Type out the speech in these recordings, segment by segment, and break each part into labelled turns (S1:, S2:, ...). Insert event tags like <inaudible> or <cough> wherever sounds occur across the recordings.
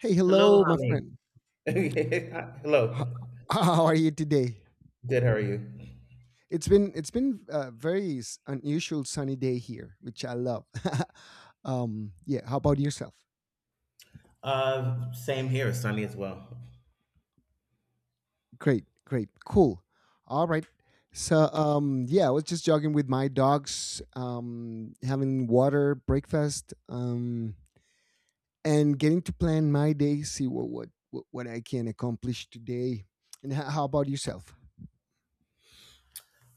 S1: Hey,
S2: Hello,
S1: hello, my
S2: Hamid. <laughs>
S1: friend. How,
S2: Hello.
S1: how are you today?
S2: Good. How are you?
S1: It's been a very unusual sunny day here, which I love. <laughs> Yeah. How about yourself?
S2: Same here. Sunny as well.
S1: Great, great, cool. All right. So, yeah, I was just jogging with my dogs, having water, breakfast, and getting to plan my day, see what I can accomplish today. And how about yourself?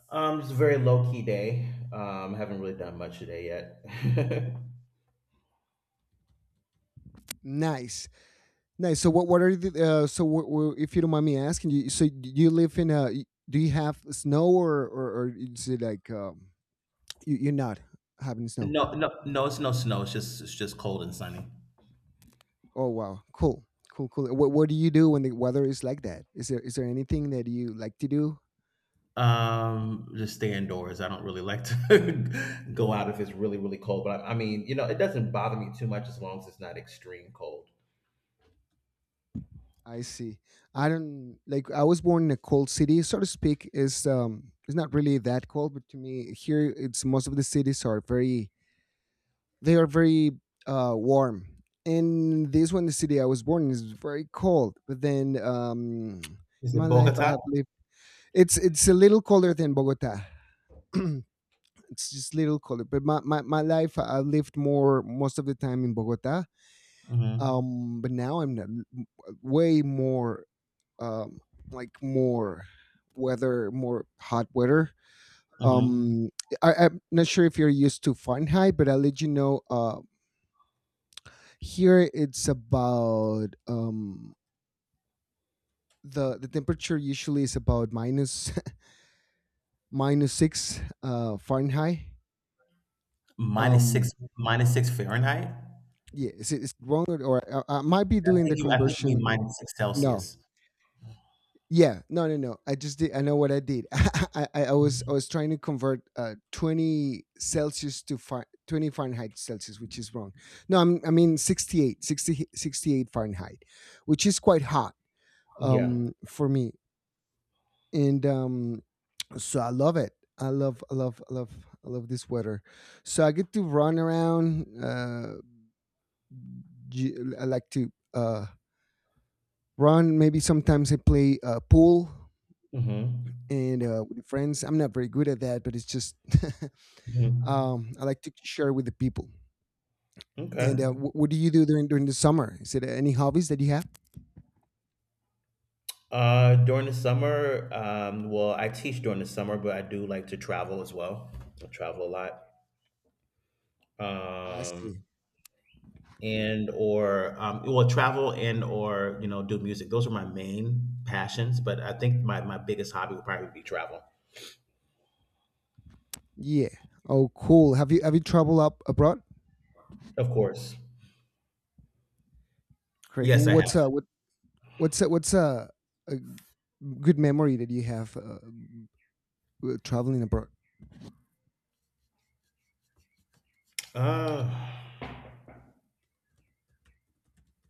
S2: It's a very low key day. Haven't really done much today yet. <laughs>
S1: Nice. Nice. So what? What are the? If you don't mind me asking, you so do you live in a? Do you have snow or is it like you're not having snow?
S2: No, no, no. It's no snow. It's just cold and sunny.
S1: Oh wow, cool, cool, cool. What do you do when the weather is like that? Is there anything that you like to do?
S2: Just stay indoors. I don't really like to <laughs> go out if it's really really cold. But I mean, you know, it doesn't bother me too much as long as it's not extreme cold.
S1: I see. I don't like. I was born in a cold city, so to speak. Is It's not really that cold, but to me here, it's most of the cities are very they are very warm. In this one, the city I was born in is very cold. But then in
S2: Is
S1: my
S2: it
S1: life, I
S2: Bogota?
S1: have lived. It's a little colder than Bogota. <clears throat> It's just a little colder. But my life, I lived more most of the time in Bogota.
S2: Mm-hmm.
S1: But now I'm way more um, more weather, more hot weather.
S2: Mm-hmm.
S1: Um, I'm not sure if you're used to Fahrenheit, but I'll let you know here it's about the temperature usually is about minus <laughs> minus six Fahrenheit.
S2: Minus
S1: Um,
S2: six, minus six Fahrenheit.
S1: yeah, is it wrong, or I might be doing the
S2: I think you mean
S1: conversion?
S2: minus six
S1: No,
S2: Celsius.
S1: yeah, no, no, no. I just did. I know what I did. <laughs> I was trying to convert 20 Celsius to 20 Fahrenheit Celsius, which is wrong. No, I mean 68 Fahrenheit, which is quite hot
S2: Yeah.
S1: for me. And so I love it. I love, I love, I love, I love this weather. So I get to run around. I like to run. Maybe sometimes I play pool
S2: Mm-hmm.
S1: and with friends. I'm not very good at that, but it's just <laughs>
S2: Mm-hmm.
S1: I like to share with the people.
S2: Okay.
S1: And what do you do during the summer? Is it any hobbies that you have?
S2: During the summer, well, I teach during the summer, but I do like to travel as well. I travel a lot.
S1: I see.
S2: Um, and or Well, travel and or you know do music. Those are my main passions, but I think my biggest hobby would probably be travel.
S1: Yeah. Oh, cool. Have you traveled up abroad?
S2: Of course.
S1: Great.
S2: Yes, I have.
S1: What's what what's A good memory that you have traveling abroad?
S2: Uh,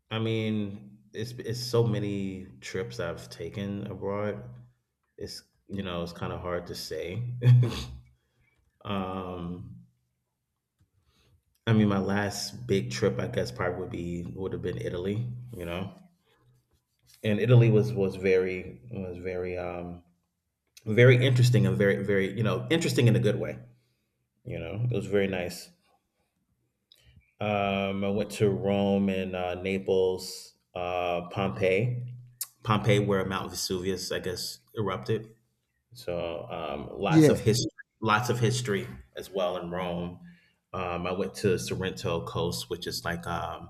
S2: I mean, it's so many trips I've taken abroad. It's you know it's kind of hard to say. <laughs> um, I mean, my last big trip, I guess, probably would have been Italy. You know, and Italy was very interesting and very very you know interesting in a good way. You know, it was very nice. I went to Rome and Naples, Pompeii, where Mount Vesuvius, I guess, erupted. So
S1: Yeah,
S2: lots of history as well in Rome. I went to Sorrento Coast, which is like um,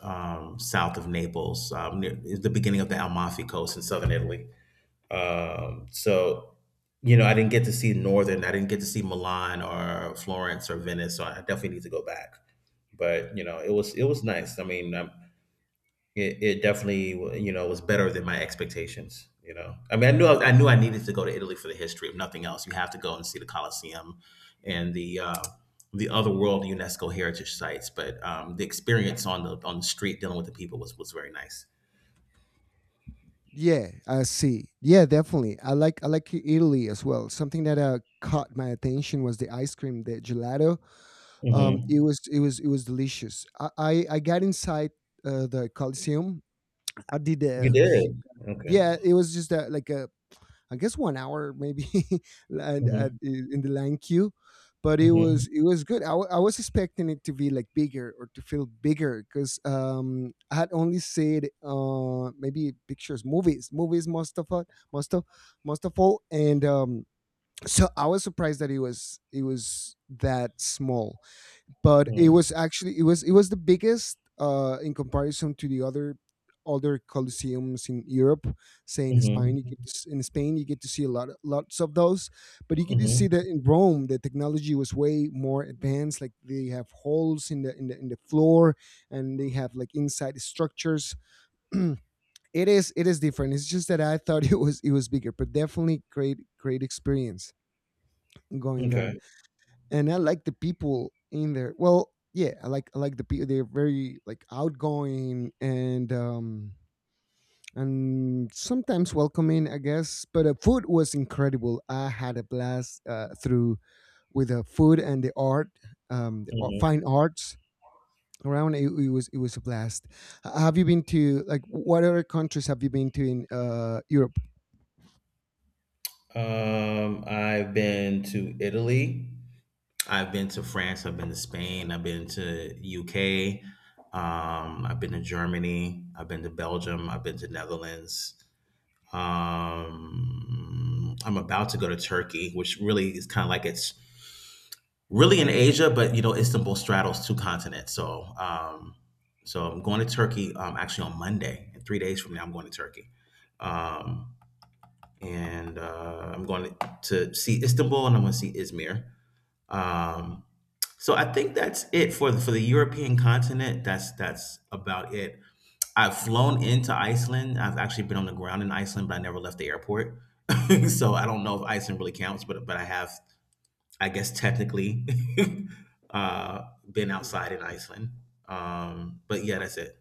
S2: um, south of Naples, near the beginning of the Amalfi Coast in southern Italy. So you know, I didn't get to see northern. I didn't get to see Milan or Florence or Venice. So I definitely need to go back. But you know, it was nice. I mean, it, it definitely you know was better than my expectations, you know. I knew I needed to go to Italy for the history, if nothing else. You have to go and see the Colosseum and the other world UNESCO heritage sites. But the experience on the street dealing with the people was very nice.
S1: yeah, I see. Yeah, definitely. I like Italy as well. Something that caught my attention was the ice cream, the gelato. It
S2: Hmm.
S1: was it was it was delicious. I got inside the Coliseum. I did
S2: You
S1: a hu-,
S2: did okay.
S1: yeah. It was just like a, I guess 1 hour maybe <laughs> and
S2: Hmm.
S1: in the line queue, but it
S2: Hmm.
S1: was it was good. I was expecting it to be like bigger or to feel bigger because I had only seen maybe pictures, movies most of all, and so I was surprised that it was that small, but it
S2: Hmm.
S1: was actually it was the biggest in comparison to the other colosseums in Europe. Say in Spain,
S2: Hmm.
S1: you get in Spain you get to see a lot lots of those, but you get to see
S2: Hmm.
S1: that in Rome the technology was way more advanced. Like they have holes in the floor, and they have like inside structures. <clears throat> it it is different. It's just that I thought <laughs> it was bigger, but definitely great, great experience going there,
S2: Okay.
S1: and I like the people in there. Well, yeah, I like the people. They're very like outgoing, and sometimes welcoming, I guess. But the food was incredible. I had a blast through with the food and the art,
S2: Hmm.
S1: fine arts around. It was a blast. Have you been to like what other countries have you been to in Europe?
S2: I've been to Italy, I've been to France, I've been to Spain, I've been to UK, I've been to Germany, I've been to Belgium, I've been to Netherlands. I'm about to go to Turkey, which really is kind of like it's really in Asia, but you know Istanbul straddles two continents. So, I'm going to Turkey actually on Monday, and 3 days from now I'm going to Turkey, um, and I'm going to see Istanbul and I'm going to see Izmir. Um, so I think that's it for the European continent. That's about it. I've flown into Iceland. I've actually been on the ground in Iceland, but I never left the airport. <laughs> So I don't know if Iceland really counts, but I have, I guess, technically <laughs> uh, been outside in Iceland. But yeah, that's it.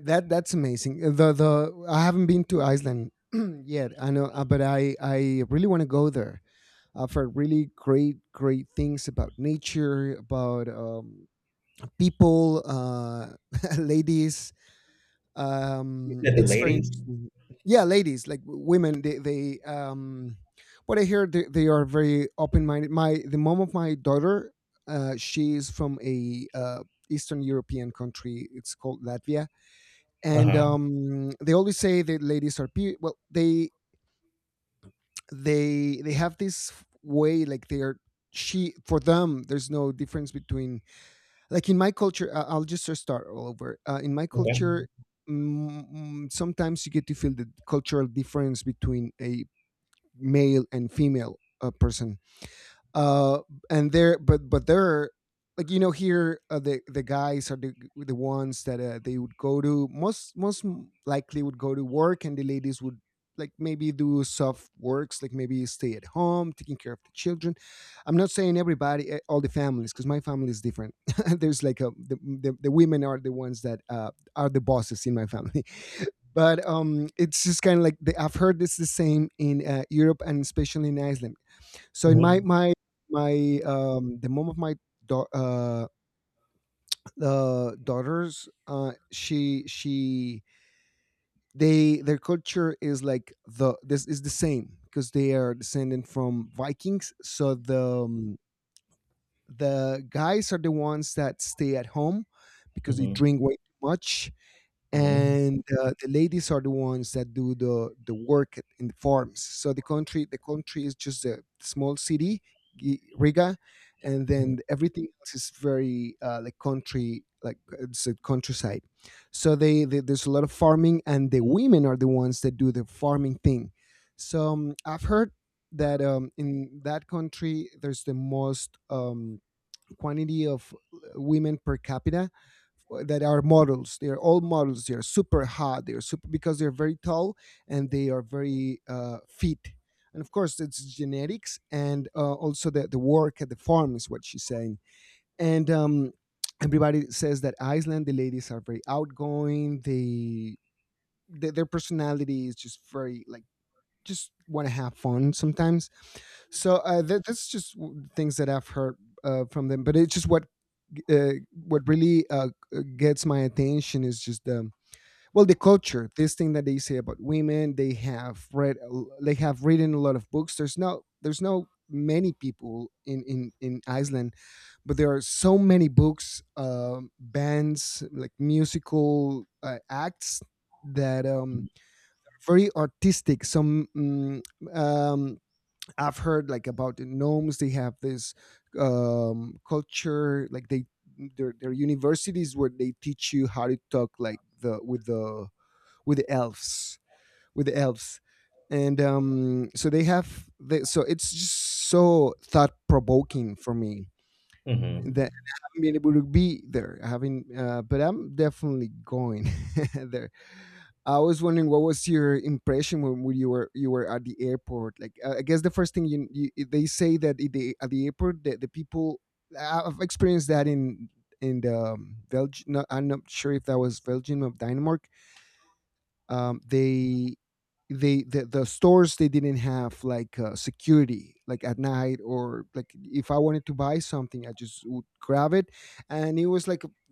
S1: That's amazing. The I haven't been to Iceland <clears throat> yet. I know, but I really want to go there. I've heard really great, great things about nature, about people, <laughs> ladies.
S2: You said the
S1: It's very
S2: ladies?
S1: interesting. Yeah, ladies, like women, they what I hear, they are very open minded. My the mom of my daughter, she is from a Eastern European country. It's called Latvia, and
S2: Uh-huh.
S1: they always say that ladies are well. They have this way like they are, she, for them there's no difference between, like, in my culture, I'll just start all over. In my
S2: Okay.
S1: culture sometimes you get to feel the cultural difference between a male and female person, uh and they're, but they're like, you know, here the guys are the ones that they would go to most likely would go to work, and the ladies would like maybe do soft works, like maybe stay at home taking care of the children. I'm not saying everybody, eh, all the families, because my family is different. <laughs> there's like the women are the ones that are the bosses in my family. <laughs> but it's just kind of like the, I've heard it's the same in Europe and especially in Iceland. So in my
S2: Mhm.
S1: my my the mom of my da- uh, daughters, she they their culture is like the this is the same because they are descended from Vikings. So the guys are the ones that stay at home because they
S2: Mhm.
S1: drink way too much,
S2: Mhm.
S1: and the ladies are the ones that do the work in the farms. So the country is just a small city, Riga, and
S2: Mhm.
S1: then everything else is very like country, like it's a countryside. So they there's a lot of farming, and the women are the ones that do the farming thing. So I've heard that in that country there's the most quantity of women per capita that are models. They are all models. They are super hot. They are super because they're very tall, and they are very fit. And of course, it's genetics and also the work at the farm is what she's saying. And everybody says that Iceland, the ladies are very outgoing. Their personality is just very like just want to have fun sometimes. So that's just things that I've heard from them, but it's just what really gets my attention is just the, well, the culture. This thing that they say about women, they have read, they have written a lot of books. There's no many people in in Iceland, but there are so many books, bands like musical acts that very artistic. Some um I've heard like about the gnomes. They have this culture, like they their universities where they teach you how to talk like the with the with the elves with the elves, and so they have the, so it's just so thought provoking for me
S2: Mhm. Mhm.
S1: that I haven't been able to be there. I haven't, but I'm definitely going <laughs> there. I was wondering what was your impression when, you were at the airport. Like I guess the first thing you, you they say that at at the airport the people I've experienced that in the Belgium. No, I'm not sure if that was Belgium or Denmark, um, they the stores they didn't have like security like at night, or like if I wanted to buy something I just would grab it, and it was like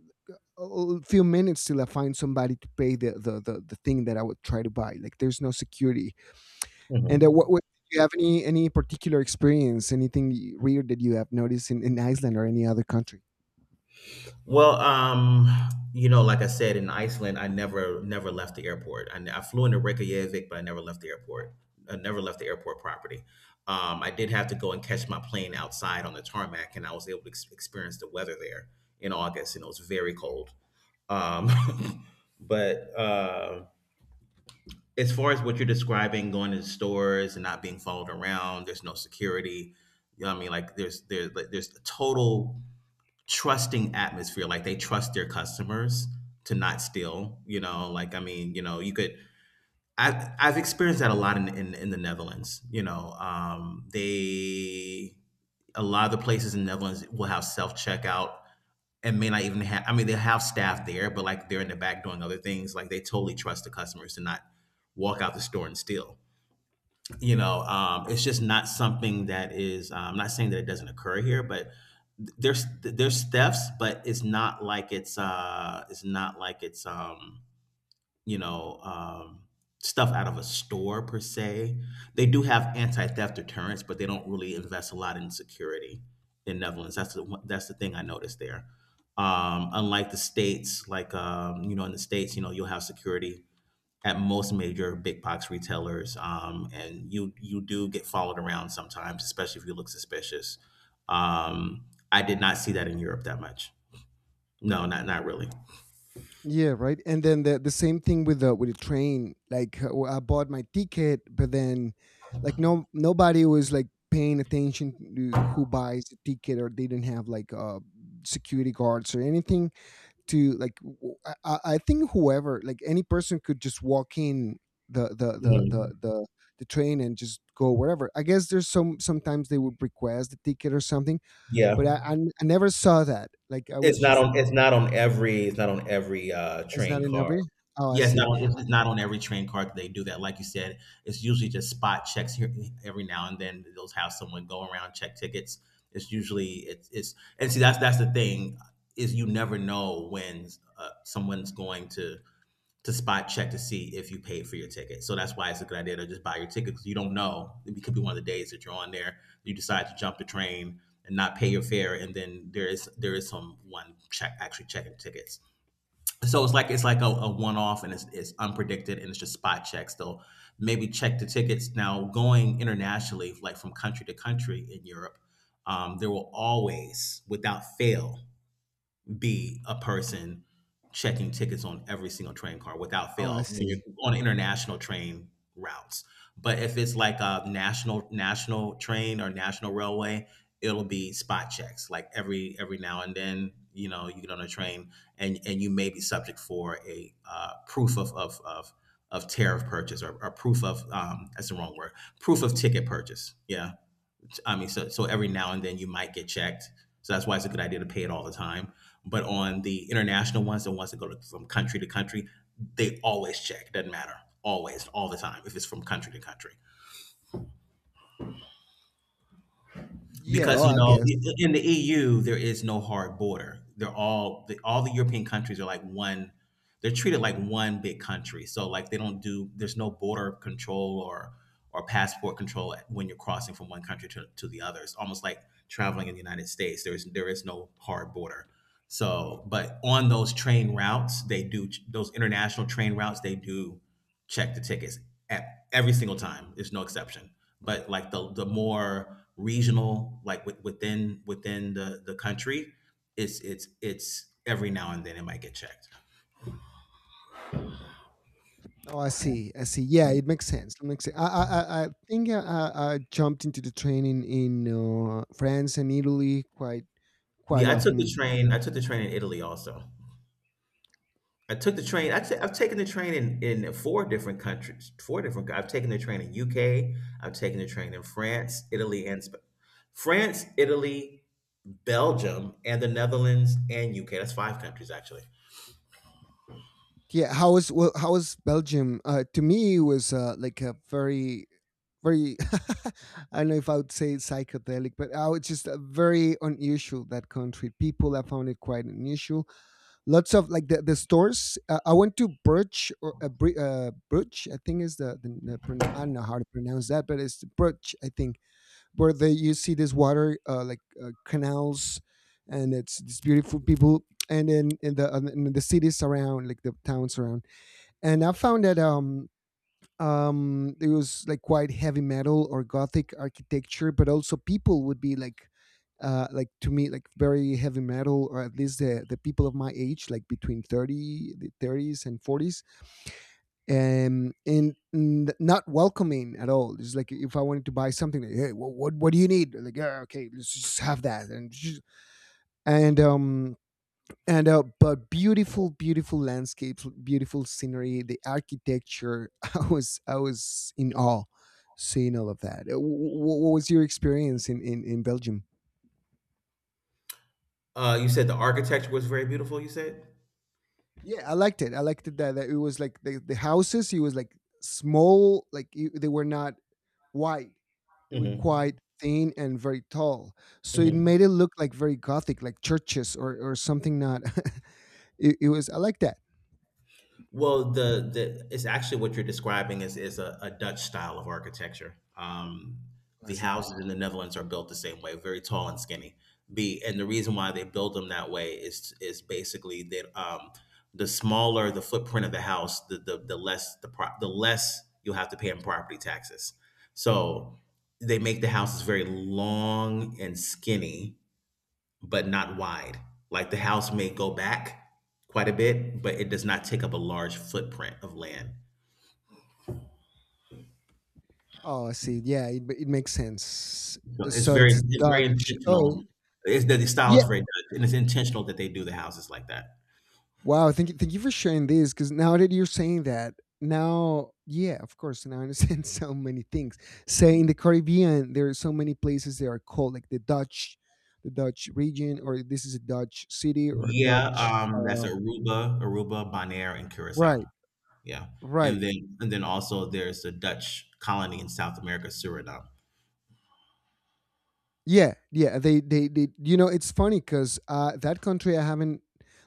S1: a few minutes till I find somebody to pay the thing that I would try to buy, like there's no security. And
S2: Mhm.
S1: what do you have any particular experience, anything weird that you have noticed in Iceland or any other country?
S2: Well, you know, like I said, in Iceland, I never never left the airport. I flew into Reykjavik, but I never left the airport. I never left the airport property. I did have to go and catch my plane outside on the tarmac, and I was able to experience the weather there in August, and it was very cold. Um, <laughs> but as far as what you're describing, going to the stores and not being followed around, there's no security. You know what I mean? Like there's total trusting atmosphere. Like they trust their customers to not steal. You know, like I mean, you know, you could. I've experienced that a lot in in the Netherlands. You know, they a lot of the places in the Netherlands will have self checkout and may not even have. I mean, they have staff there, but like they're in the back doing other things. Like they totally trust the customers to not walk out the store and steal, you know. It's just not something that is I'm not saying that it doesn't occur here, but there's thefts, but it's not like it's not like it's you know um stuff out of a store per se. They do have anti-theft deterrence, but they don't really invest a lot in security in Netherlands. That's the thing I noticed there. Unlike the States, like you know in the states you know you'll have security at most major big box retailers, and you do get followed around sometimes, especially if you look suspicious. Um, I did not see that in Europe that much. No, not not really.
S1: Yeah, right. And then the same thing with the train. Like well, I bought my ticket, but then like no nobody was like paying attention to who buys the ticket, or they didn't have like security guards or anything to like. I think whoever like any person could just walk in the the the
S2: Mhm.
S1: the the the train and just go wherever. I guess there's sometimes they would request the ticket or something,
S2: Yeah.
S1: but I never saw that. Like I was just
S2: It's not on every
S1: it's not
S2: train
S1: in
S2: car.
S1: every. Oh, I
S2: Yes, not
S1: see.
S2: on. It's not on every train car that they do that. Like you said, it's usually just spot checks here every now and then. They'll have someone go around check tickets. It's usually it's and see that's the thing is you never know when someone's going to spot check to see if you paid for your ticket. So that's why it's a good idea to just buy your ticket because you don't know. It could be one of the days that you're on there, you decide to jump the train and not pay your fare, and then there is someone check actually checking tickets. So it's like a one off, and it's unpredicted, and it's just spot checks. So maybe check the tickets. Now going internationally, like from country to country in Europe, there will always, without fail, be a person checking tickets on every single train car without
S1: Oh, I
S2: fail when you're
S1: see.
S2: on international train routes. But if it's like a national train or national railway, it'll be spot checks like every now and then. You know, you get on a train and you may be subject for a proof of of tariff purchase, or proof of that's the wrong word, proof of ticket purchase. Yeah. I mean, so so every now and then you might get checked. So that's why it's a good idea to pay it all the time. But on the international ones, the ones that go to, from country to country, they always check. It doesn't matter. Always, all the time. If it's from country to country.
S1: Yeah. Oh,
S2: Because you
S1: I
S2: know
S1: guess.
S2: in the EU there is no hard border. They're all the European countries are like one. They're treated like one big country. So like they don't do there's no border control or passport control when you're crossing from one country to the other. It's almost like traveling in the United States. There is no hard border. So but on those train routes they do those international train routes they do check the tickets at every single time. There's no exception. But like the more regional, like within the country, it's every now and then it might get checked.
S1: Oh, I see. I see. Yeah, it makes sense. It makes sense. I think I jumped into the training in France and Italy quite
S2: Yeah, I took the
S1: often.
S2: train. I took the train in Italy also. I've taken the train in four different countries. I've taken the train in UK. I've taken the train in France, Italy, and France, Italy, Belgium, and the Netherlands and UK. That's five countries actually.
S1: Yeah. How was Belgium? To me, it was like a very <laughs> I don't know if I would say psychedelic, but I was just very unusual that country. People, I found it quite unusual, lots of like the stores. I went to Birch or Birch, I think, is the I don't know how to pronounce that, but it's Birch, I think, where they you see this water, like, canals, and it's these beautiful people, and then in the cities around, like the towns around, and I found that it was like quite heavy metal or gothic architecture, but also people would be like, like, to me, like very heavy metal, or at least the people of my age, like between 30, the 30s and 40s, and not welcoming at all. It's like if I wanted to buy something, like, hey, what do you need, like, yeah, okay, let's just have that and just, and um and but beautiful landscapes, beautiful scenery, the architecture. <laughs> I was in awe seeing all of that. What was your experience in Belgium?
S2: You said the architecture was very beautiful. You said.
S1: Yeah, I liked it, that it was like the houses, it was like small, like, they were not wide, they were quite
S2: Hmm.
S1: thin and very tall, so it
S2: Mhm.
S1: made it look like very gothic, like churches or something, not. <laughs> It was, I like that.
S2: Well, the it's actually what you're describing is a Dutch style of architecture.
S1: I
S2: The
S1: see.
S2: houses in the Netherlands are built the same way, very tall and skinny. Be and the reason why they build them that way is basically that the smaller the footprint of the house, the less the less you'll have to pay in property taxes. So they make the houses very long and skinny but not wide. Like the house may go back quite a bit, but it does not take up a large footprint of land.
S1: Oh, I see. Yeah, it makes sense.
S2: So
S1: So it's
S2: it's very
S1: Dutch. Oh,
S2: intentional. It's the style
S1: yeah.
S2: is very Dutch, and it's intentional that they do the houses like that.
S1: Wow. Thank you. Thank you for sharing this, because now that you're saying that, now, yeah, of course, now I understand <laughs> so many things. Say, in the Caribbean, there are so many places that are called, like, the Dutch region, or this is a Dutch city, or
S2: Yeah,
S1: Dutch.
S2: that's Aruba, Aruba, Bonaire, and Curacao.
S1: Right.
S2: Yeah,
S1: Right.
S2: and then also there's the Dutch colony in South America, Suriname.
S1: Yeah, yeah. They, they. You know, it's funny because, that country I haven't,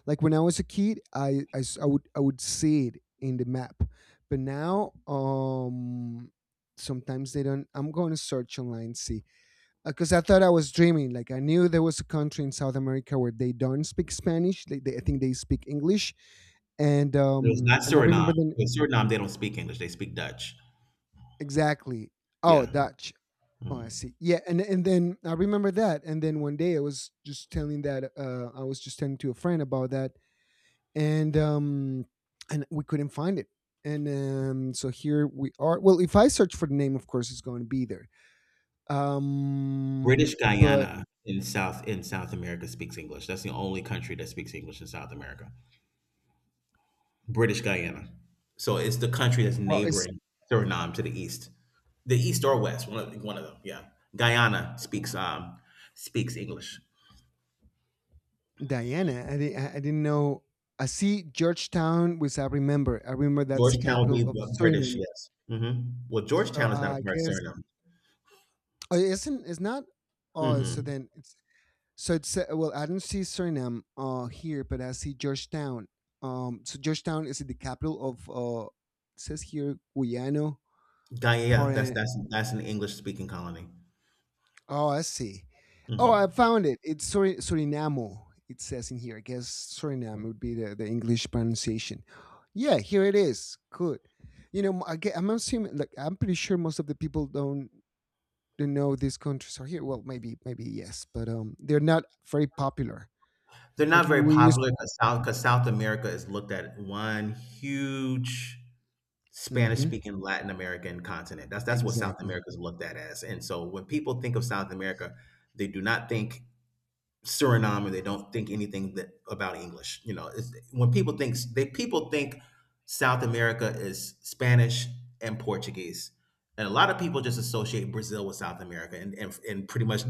S1: like when I was a kid, I would see it in the map, but now, sometimes they don't. I'm going to search online, see, because I thought I was dreaming. Like, I knew there was a country in South America where they don't speak Spanish. They I think they speak English, and
S2: No, it's
S1: um,
S2: not
S1: and I
S2: Suriname.
S1: remember then,
S2: In Suriname, they don't speak English; they speak Dutch.
S1: exactly. Oh,
S2: Yeah.
S1: Dutch. Oh, I
S2: Mhm.
S1: see. Yeah, and then I remember that. And then one day I was just telling that, I was just telling to a friend about that, and um, and we couldn't find it. And, so here we are. Well, if I search for the name, of course, it's going to be there.
S2: British
S1: But,
S2: Guyana in South America speaks English. That's the only country that speaks English in South America. British Guyana. So it's the country that's
S1: well, it's
S2: neighboring Suriname to the east or west, one of them. Yeah, Guyana speaks speaks English.
S1: Diana. I didn't know. I see Georgetown, which I remember. I remember that's the
S2: Georgetown would
S1: capital
S2: be
S1: of
S2: the British,
S1: Suriname.
S2: yes. Well,
S1: So
S2: Georgetown is not a
S1: I
S2: part of
S1: guess,
S2: Suriname.
S1: oh, it isn't, it's not. Oh, so
S2: Mm-mm.
S1: then it's, well, I don't see Suriname here, but I see Georgetown. So Georgetown is the capital of, it says here, Guyano.
S2: Guyana, yeah, that's
S1: Par-
S2: that's that's an English speaking colony.
S1: oh, I see. Oh, I
S2: Mhm.
S1: found it. It's Suriname. It says in here. I guess Suriname would be the English pronunciation. Yeah, here it is. Good. You know, I'm assuming. Like, I'm pretty sure most of the people don't know these countries are here. Well, maybe yes, but they're not very popular.
S2: They're
S1: Like
S2: not
S1: you,
S2: very
S1: we used.
S2: popular because South America is looked at one huge Spanish
S1: Mhm.
S2: speaking Latin American continent. That's what South
S1: Exactly.
S2: America is looked at as. And so when people think of South America, they do not think Suriname, and they don't think anything that about English. You know, it's, when people think South America is Spanish and Portuguese, and a lot of people just associate Brazil with South America, and pretty much <laughs>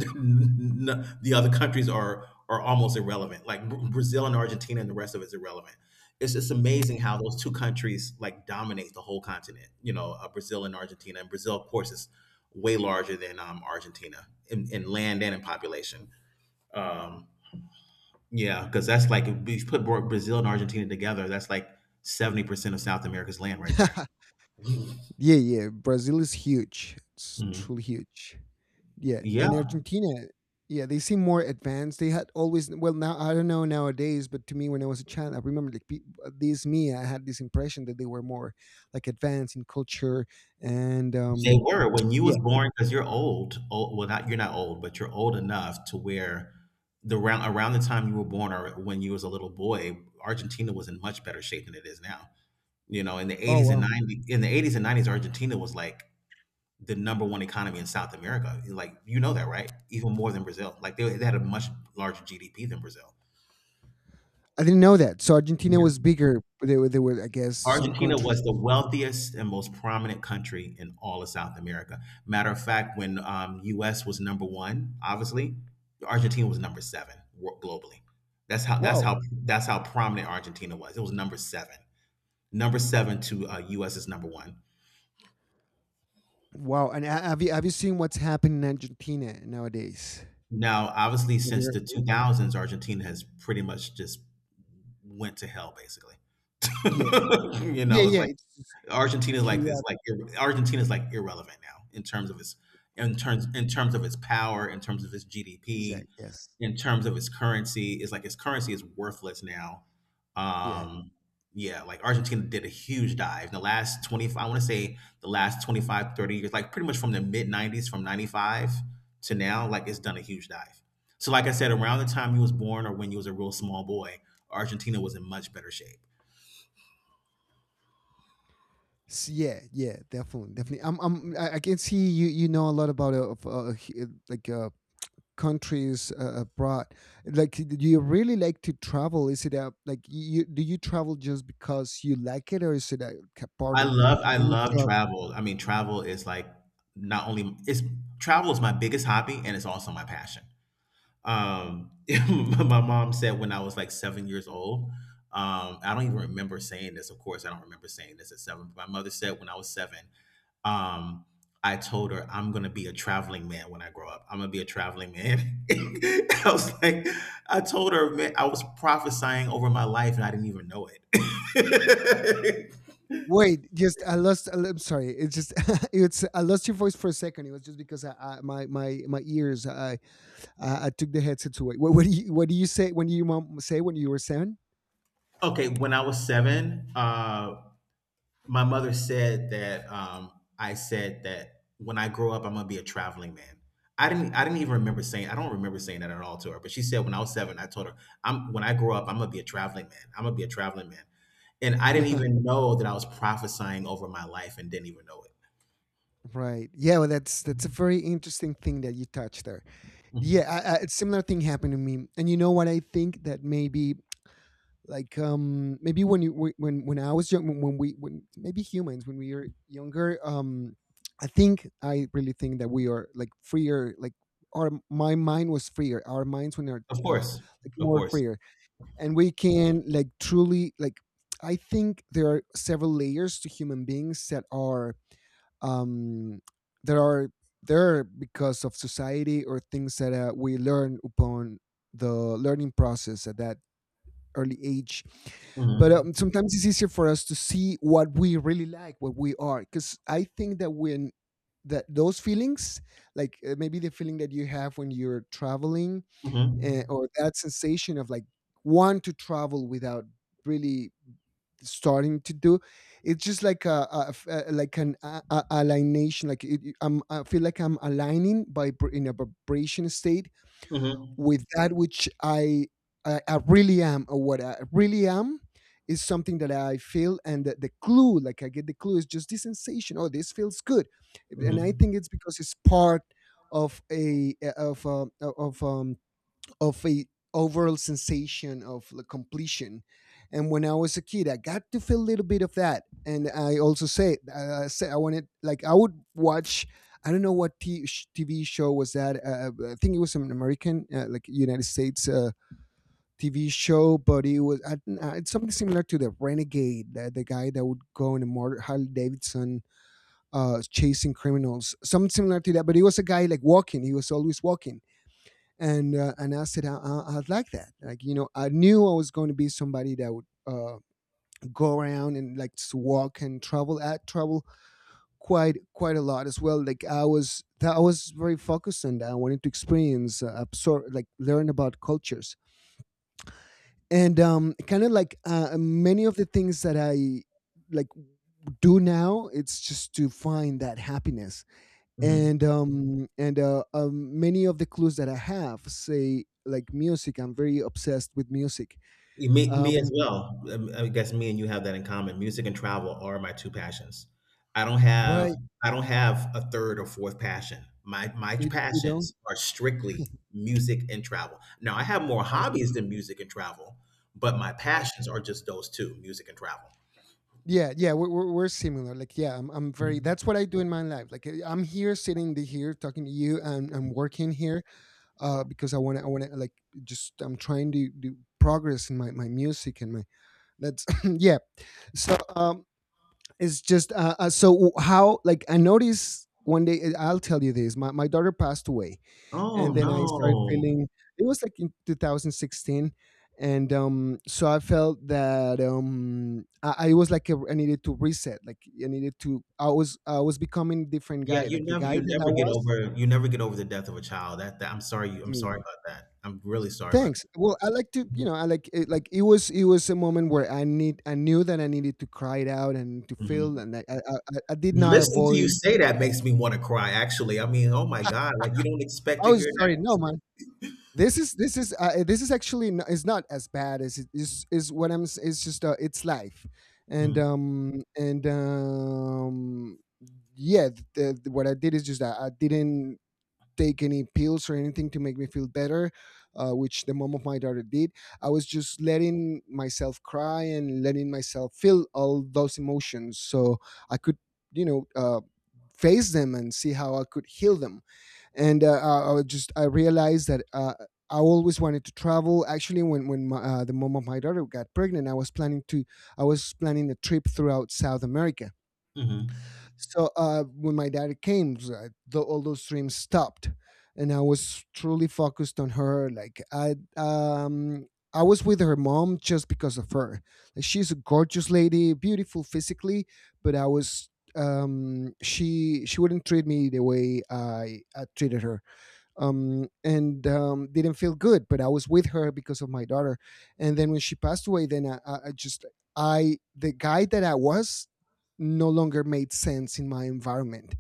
S2: the other countries are almost irrelevant. Like Brazil and Argentina, and the rest of it's irrelevant. It's just amazing how those two countries like dominate the whole continent. You know, Brazil and Argentina. And Brazil, of course, is way larger than Argentina in land and in population. Um, yeah, because that's like if you put Brazil and Argentina together, that's like 70% of South America's land right there.
S1: <laughs> Yeah, yeah. Brazil is huge. It's
S2: Mhm.
S1: truly huge. Yeah,
S2: Yeah,
S1: and Argentina. Yeah, they seem more advanced. They had always, well, now I don't know nowadays, but to me when I was a child, I remember, like, this me, I had this impression that they were more, like, advanced in culture, and
S2: they
S1: um
S2: were when you
S1: yeah.
S2: was born because you're old. Old. Well, not you're not old, but you're old enough to where the round around the time you were born or when you was a little boy, Argentina was in much better shape than it is now. You know,
S1: Oh wow,
S2: in the 80s and nineties, Argentina was like the number one economy in South America. Like you know that, right? Even more than Brazil. Like they had a much larger GDP than Brazil.
S1: I didn't know that. So Argentina was bigger. But they were, I guess, some
S2: Argentina
S1: countries.
S2: was the wealthiest and most prominent country in all of South America. Matter of fact, when U.S. was number one, obviously, Argentina was number seven globally.
S1: Wow,
S2: That's how prominent Argentina was. It was number seven to U.S. is number one.
S1: wow. And have you seen what's happening in Argentina nowadays?
S2: Now, obviously,
S1: Have you
S2: since the
S1: heard-?
S2: 2000s, Argentina has pretty much just went to hell, basically.
S1: Yeah.
S2: <laughs> You
S1: Yeah,
S2: know, it's
S1: yeah,
S2: like.
S1: it's
S2: Argentina is like this, like
S1: chaotic.
S2: Argentina is like irrelevant now in terms of its in terms of its power, in terms of its GDP,
S1: Exact. Yes.
S2: in terms of its currency. It's like its currency is worthless now.
S1: Yeah.
S2: Um, yeah, like Argentina did a huge dive in the last 20, I want to say the last 25, 30 years, like pretty much from the mid 90s, from 95 to now, like it's done a huge dive. So, like I said, around the time you was born or when you was a real small boy, Argentina was in much better shape.
S1: S Yeah, yeah, definitely, definitely. I can see you. You know a lot about, of, he- like countries, abroad. Like, do you really like to travel? Is it a, like, you? Do you travel just because you like it, or is it part of
S2: I
S1: any
S2: love
S1: job?
S2: travel. I mean, travel is like not only it's travel is my biggest hobby, and it's also my passion. Um, <laughs> my mom said when I was like 7 years old. I don't even remember saying this. Of course, I don't remember saying this at seven. But my mother said when I was seven, um, I told her I'm gonna be a traveling man when I grow up. I'm gonna be a traveling man. <laughs> I was like, I told her, man, I was prophesying over my life, and I didn't even know it. <laughs>
S1: Wait, just I lost. I'm sorry. It's just, <laughs> it's, I lost your voice for a second. It was just because I my ears. I, I took the headsets away. What do you say when you mom say when you were seven?
S2: Okay, when I was seven, my mother said that I said that when I grow up, I'm gonna be a traveling man. I didn't even remember saying. I don't remember saying that at all to her. But she said when I was seven, I told her, "I'm when I grow up, I'm gonna be a traveling man. I'm gonna be a traveling man." And I didn't even
S1: <laughs>
S2: know that I was prophesying over my life and didn't even know it.
S1: Right. Yeah, well, that's a very interesting thing that you touched there. Yeah,
S2: Mhm.
S1: a similar thing happened to me. And, you know what, I think that, maybe, like, maybe when you, when I was young, when- we when maybe humans, when we are younger, I think I really think that we are, like, freer, like, our, my mind was freer, our minds, when are,
S2: Of course,
S1: like,
S2: of
S1: more
S2: course.
S1: freer, and we can, like, truly, like, I think there are several layers to human beings that are, um there are there because of society, or things that, we learn upon the learning process at that early age. But,
S2: hmm
S1: sometimes it's easier for us to see what we really, like, what we are, because I think that, when that those feelings, like, maybe the feeling that you have when you're traveling,
S2: hmm
S1: or that sensation of, like, want to travel without really starting to do. It's just like like an alignation, like, I'm, I feel like I'm aligning in a vibration state
S2: hmm
S1: with that which I really am, or what I really am, is something that I feel. And the clue, like, I get the clue, is just this sensation, oh, this feels good. And I
S2: hmm
S1: think it's because it's part of a, of um of a overall sensation of, like, completion. And when I was a kid, I got to feel a little bit of that, and I also say I said, I wanted, like, I would watch, I don't know what TV show was that, I think it was an American, like, United States, TV show, but it was, I, don't- it's something similar to the Renegade, the guy that would go in a motor, Harley Davidson, chasing criminals, something similar to that, but he was a guy, like, walking, he was always walking. And I said, I'd like that. Like, you know, I knew I was going to be somebody that would, go around and, like, walk and travel, quite a lot as well. Like, I was very focused on that. I wanted to experience, absorb, like, learn about cultures, and kind of like, many of the things that I, like, do now. It's just to find that happiness,
S2: hmm
S1: and many of the clues that I have, say, like, music, I'm very obsessed with music,
S2: Me, me
S1: um
S2: as well. I guess me and you have that in common. Music and travel are my two passions. I don't have
S1: right,
S2: I don't have a third or fourth passion. My
S1: you know,
S2: passions are strictly music and travel. Now I have more
S1: I see.
S2: hobbies than music and travel, but my
S1: Right.
S2: passions are just those two, music and travel.
S1: Yeah, yeah, we're similar. Like, yeah, I'm very— that's what I do in my life. Like, I'm here sitting here talking to you and I'm working here because I want to, like, just I'm trying to do progress in my music and my— that's <clears throat> yeah. So it's just so how, like, I noticed one day I'll tell you this: my daughter passed away,
S2: Oh
S1: and then I started
S2: no.
S1: feeling— it was like in 2016. And so I felt that I was like a— I needed to reset, like, I needed to I was— I was becoming a different
S2: Yeah,
S1: guy. Like, the guy that I was—
S2: you never get over the death of a child. That I'm sorry you
S1: I
S2: I'm
S1: mean,
S2: sorry about that. I'm really sorry about
S1: thanks. Well, I like to, I like it. Like, it was a moment where I knew that I needed to cry it out and to feel,
S2: that.
S1: and I did not
S2: Listening to you
S1: avoid.
S2: say that makes me wanna cry, actually. I mean, oh my god, like, you don't expect
S1: I
S2: to
S1: was
S2: hear
S1: sorry.
S2: that.
S1: No, man, this is actually— n is not as bad as it is what it's just it's life, and
S2: Mm,
S1: um and um yeah, what I did is just that I didn't take any pills or anything to make me feel better, which the mom of my daughter did. I was just letting myself cry and letting myself feel all those emotions so I could, you know uh, face them and see how I could heal them. And I was just— I realized that I always wanted to travel. Actually, when my, the mom of my daughter got pregnant, I was planning a trip throughout South America.
S2: mhm,
S1: So when my daughter came, all those dreams stopped, and I was truly focused on her. Like, I— I was with her mom just because of her. Like, she's a gorgeous lady, beautiful physically, but I was— she wouldn't treat me the way I treated her, and didn't feel good. But I was with her because of my daughter. And then when she passed away, then I just— I— the guy that I was no longer made sense in my environment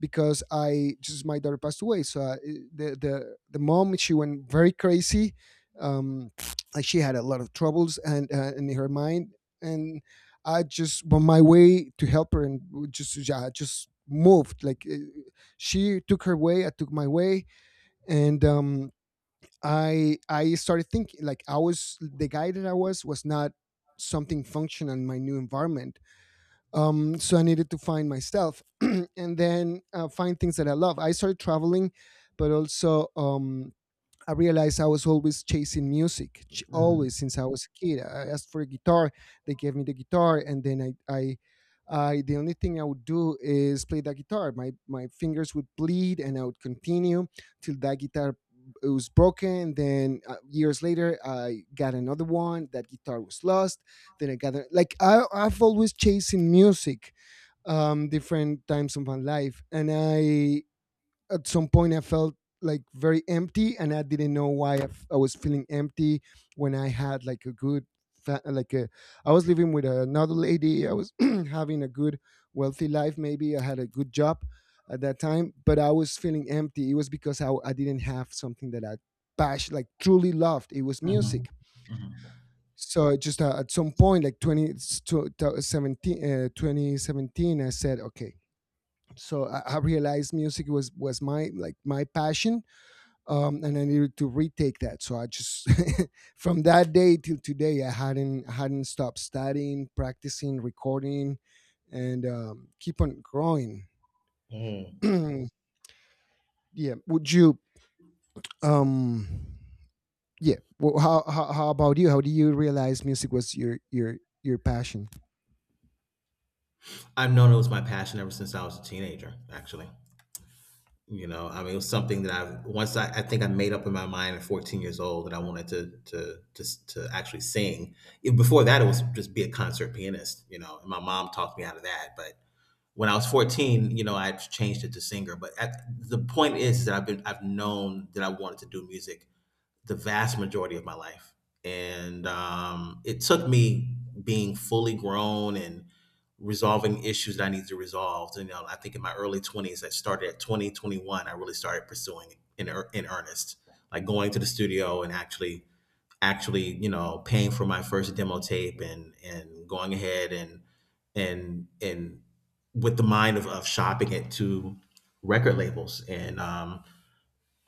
S1: because I just— my daughter passed away. So I— the mom, she went very crazy. Um, like, she had a lot of troubles and in her mind, and I just— on my way to help her and just, yeah, I just moved. Like, she took her way, I took my way, and I started thinking, like, I was— the guy that I was not something functional in my new environment. So I needed to find myself <clears throat> and then, find things that I love. I started traveling, but also, I realized I was always chasing music,
S2: mm,
S1: always, since I was a kid. I asked for a guitar, they gave me the guitar, and then I— the only thing I would do is play that guitar. My fingers would bleed, and I would continue till that guitar— it was broken. Then, years later, I got another one. That guitar was lost. Then I got a— like, I've always chasing music, different times of my life, and I— at some point I felt, like, very empty, and I didn't know why I was feeling empty when I had like a good, fa- like a, I was living with another lady. I was <clears throat> having a good, wealthy life. Maybe I had a good job at that time, but I was feeling empty. It was because I didn't have something that I— passion, like, truly loved. It was
S2: mhm,
S1: music.
S2: mhm,
S1: So just, at some point, like, 20, s- to- 17, 2017, I said, okay, so I realized music was— was my, like, my passion, and I needed to retake that. So I just <laughs> from that day till today, I hadn't stopped studying, practicing, recording, and keep on growing. <clears throat>
S2: mm.
S1: Yeah. Would you? Um, yeah. Well, how about you? How do you realize music was your passion?
S2: I've known it was my passion ever since I was a teenager, actually. You know, I mean, it was something that I think I made up in my mind at 14 years old that I wanted to actually sing. E Before that, it was just be a concert pianist, you know, and my mom talked me out of that, but when I was 14, you know, I changed it to singer. But at, the point is that I've known that I wanted to do music the vast majority of my life, and it took me being fully grown and resolving issues that I needed to resolve. You know, I think in my early 20s, I started at 20 21. I really started pursuing it in earnest, like going to the studio and actually, you know, paying for my first demo tape and going ahead and and and with the mind of shopping it to record labels. And um,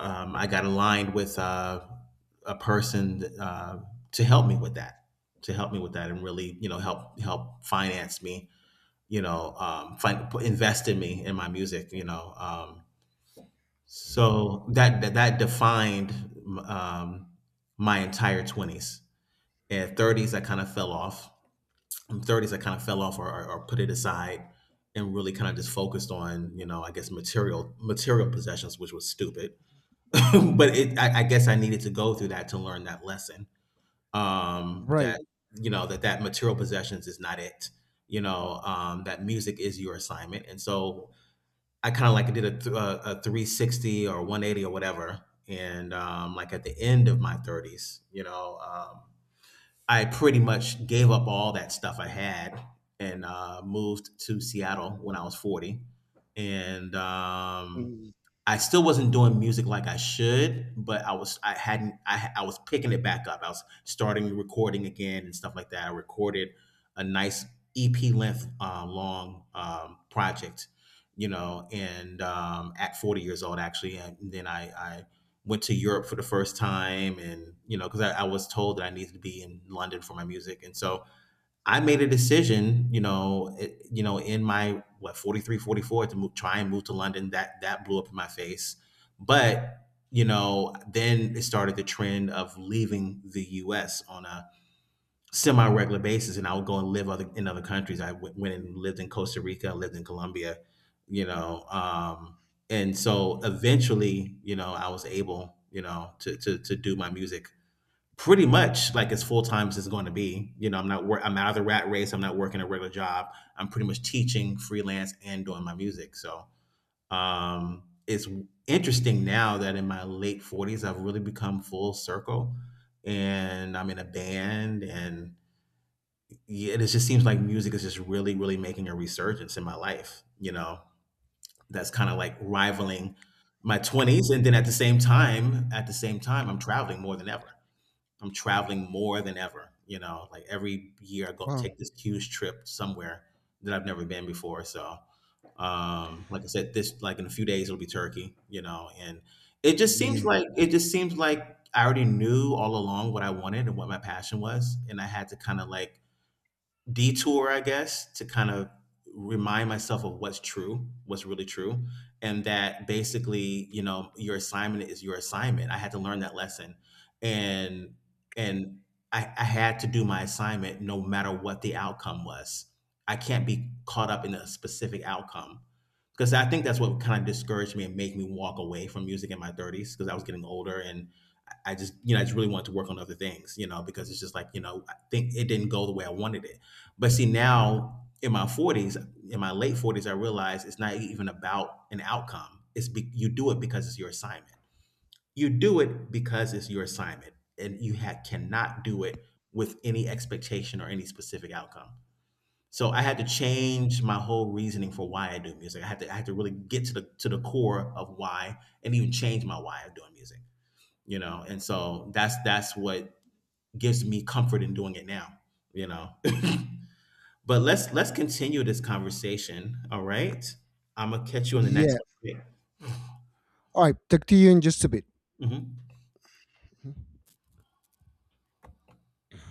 S2: um, I got aligned with a person to help me with that, to help me with that, and really, you know, help finance me, you know, invest in me in my music, you know. So that defined um, my entire twenties and 30s. I kind of fell off in 30s I kind of fell off or put it aside and really kind of just focused on, you know, I guess material possessions, which was stupid <laughs> but it I guess I needed to go through that to learn that lesson
S1: Right.
S2: that, you know, that material possessions is not it, you know, that music is your assignment. And so I kind of like did a 360 or 180 or whatever. And like at the end of my 30s, you know, I pretty much gave up all that stuff I had, and moved to Seattle when I was 40. And
S1: Mm.
S2: I still wasn't doing music like I should, but I was I hadn't I was picking it back up. I was starting recording again and stuff like that. I recorded a nice EP length long project, you know, and at 40 years old actually, and then I went to Europe for the first time. And, you know, because I was told that I needed to be in London for my music. And so I made a decision, you know, you know, 43, 44 to move, try and move to London. That blew up in my face. But, you know, then it started the trend of leaving the US on a semi-regular basis, and I would go and live other in other countries. Went and lived in Costa Rica, lived in Colombia, you know. And so eventually, you know, I was able, you know, to do my music pretty much like as full time as it's going to be. You know, I'm not wor- I'm out of the rat race. I'm not working a regular job. I'm pretty much teaching freelance and doing my music. So it's interesting now that in my late 40s I've really become full circle, and I'm in a band. And yeah, it just seems like music is just really, really making a resurgence in my life, you know, that's kind of like rivaling my 20s. And then at the same time, at the same time, I'm traveling more than ever. I'm traveling more than ever, you know, like every year I go
S1: Wow.
S2: take this huge trip somewhere that I've never been before. So, like I said, this, like in a few days, it'll be Turkey, you know, and
S1: Yeah.
S2: it just seems like I already knew all along what I wanted and what my passion was. And I had to kind of like detour, I guess, to kind of remind myself of what's true, what's really true, and that basically, you know, your assignment is your assignment. I had to learn that lesson, and and I had to do my assignment no matter what the outcome was. I can't be caught up in a specific outcome because I think that's what kind of discouraged me and made me walk away from music in my 30s because I was getting older and. I just, you know, I just really wanted to work on other things, you know, because it's just like, you know, I think it didn't go the way I wanted it. But see, now in my 40s, in my late 40s, I realized it's not even about an outcome. You do it because it's your assignment. You do it because it's your assignment, and cannot do it with any expectation or any specific outcome. So I had to change my whole reasoning for why I do music. I had to really get to the core of why, and even change my why of doing music, you know. And so that's what gives me comfort in doing it now, you know. <laughs> But let's continue this conversation, all right. I'm gonna catch you on the next
S1: Yeah.
S2: one.
S1: All right. Talk to you in just a bit.
S2: Mhm.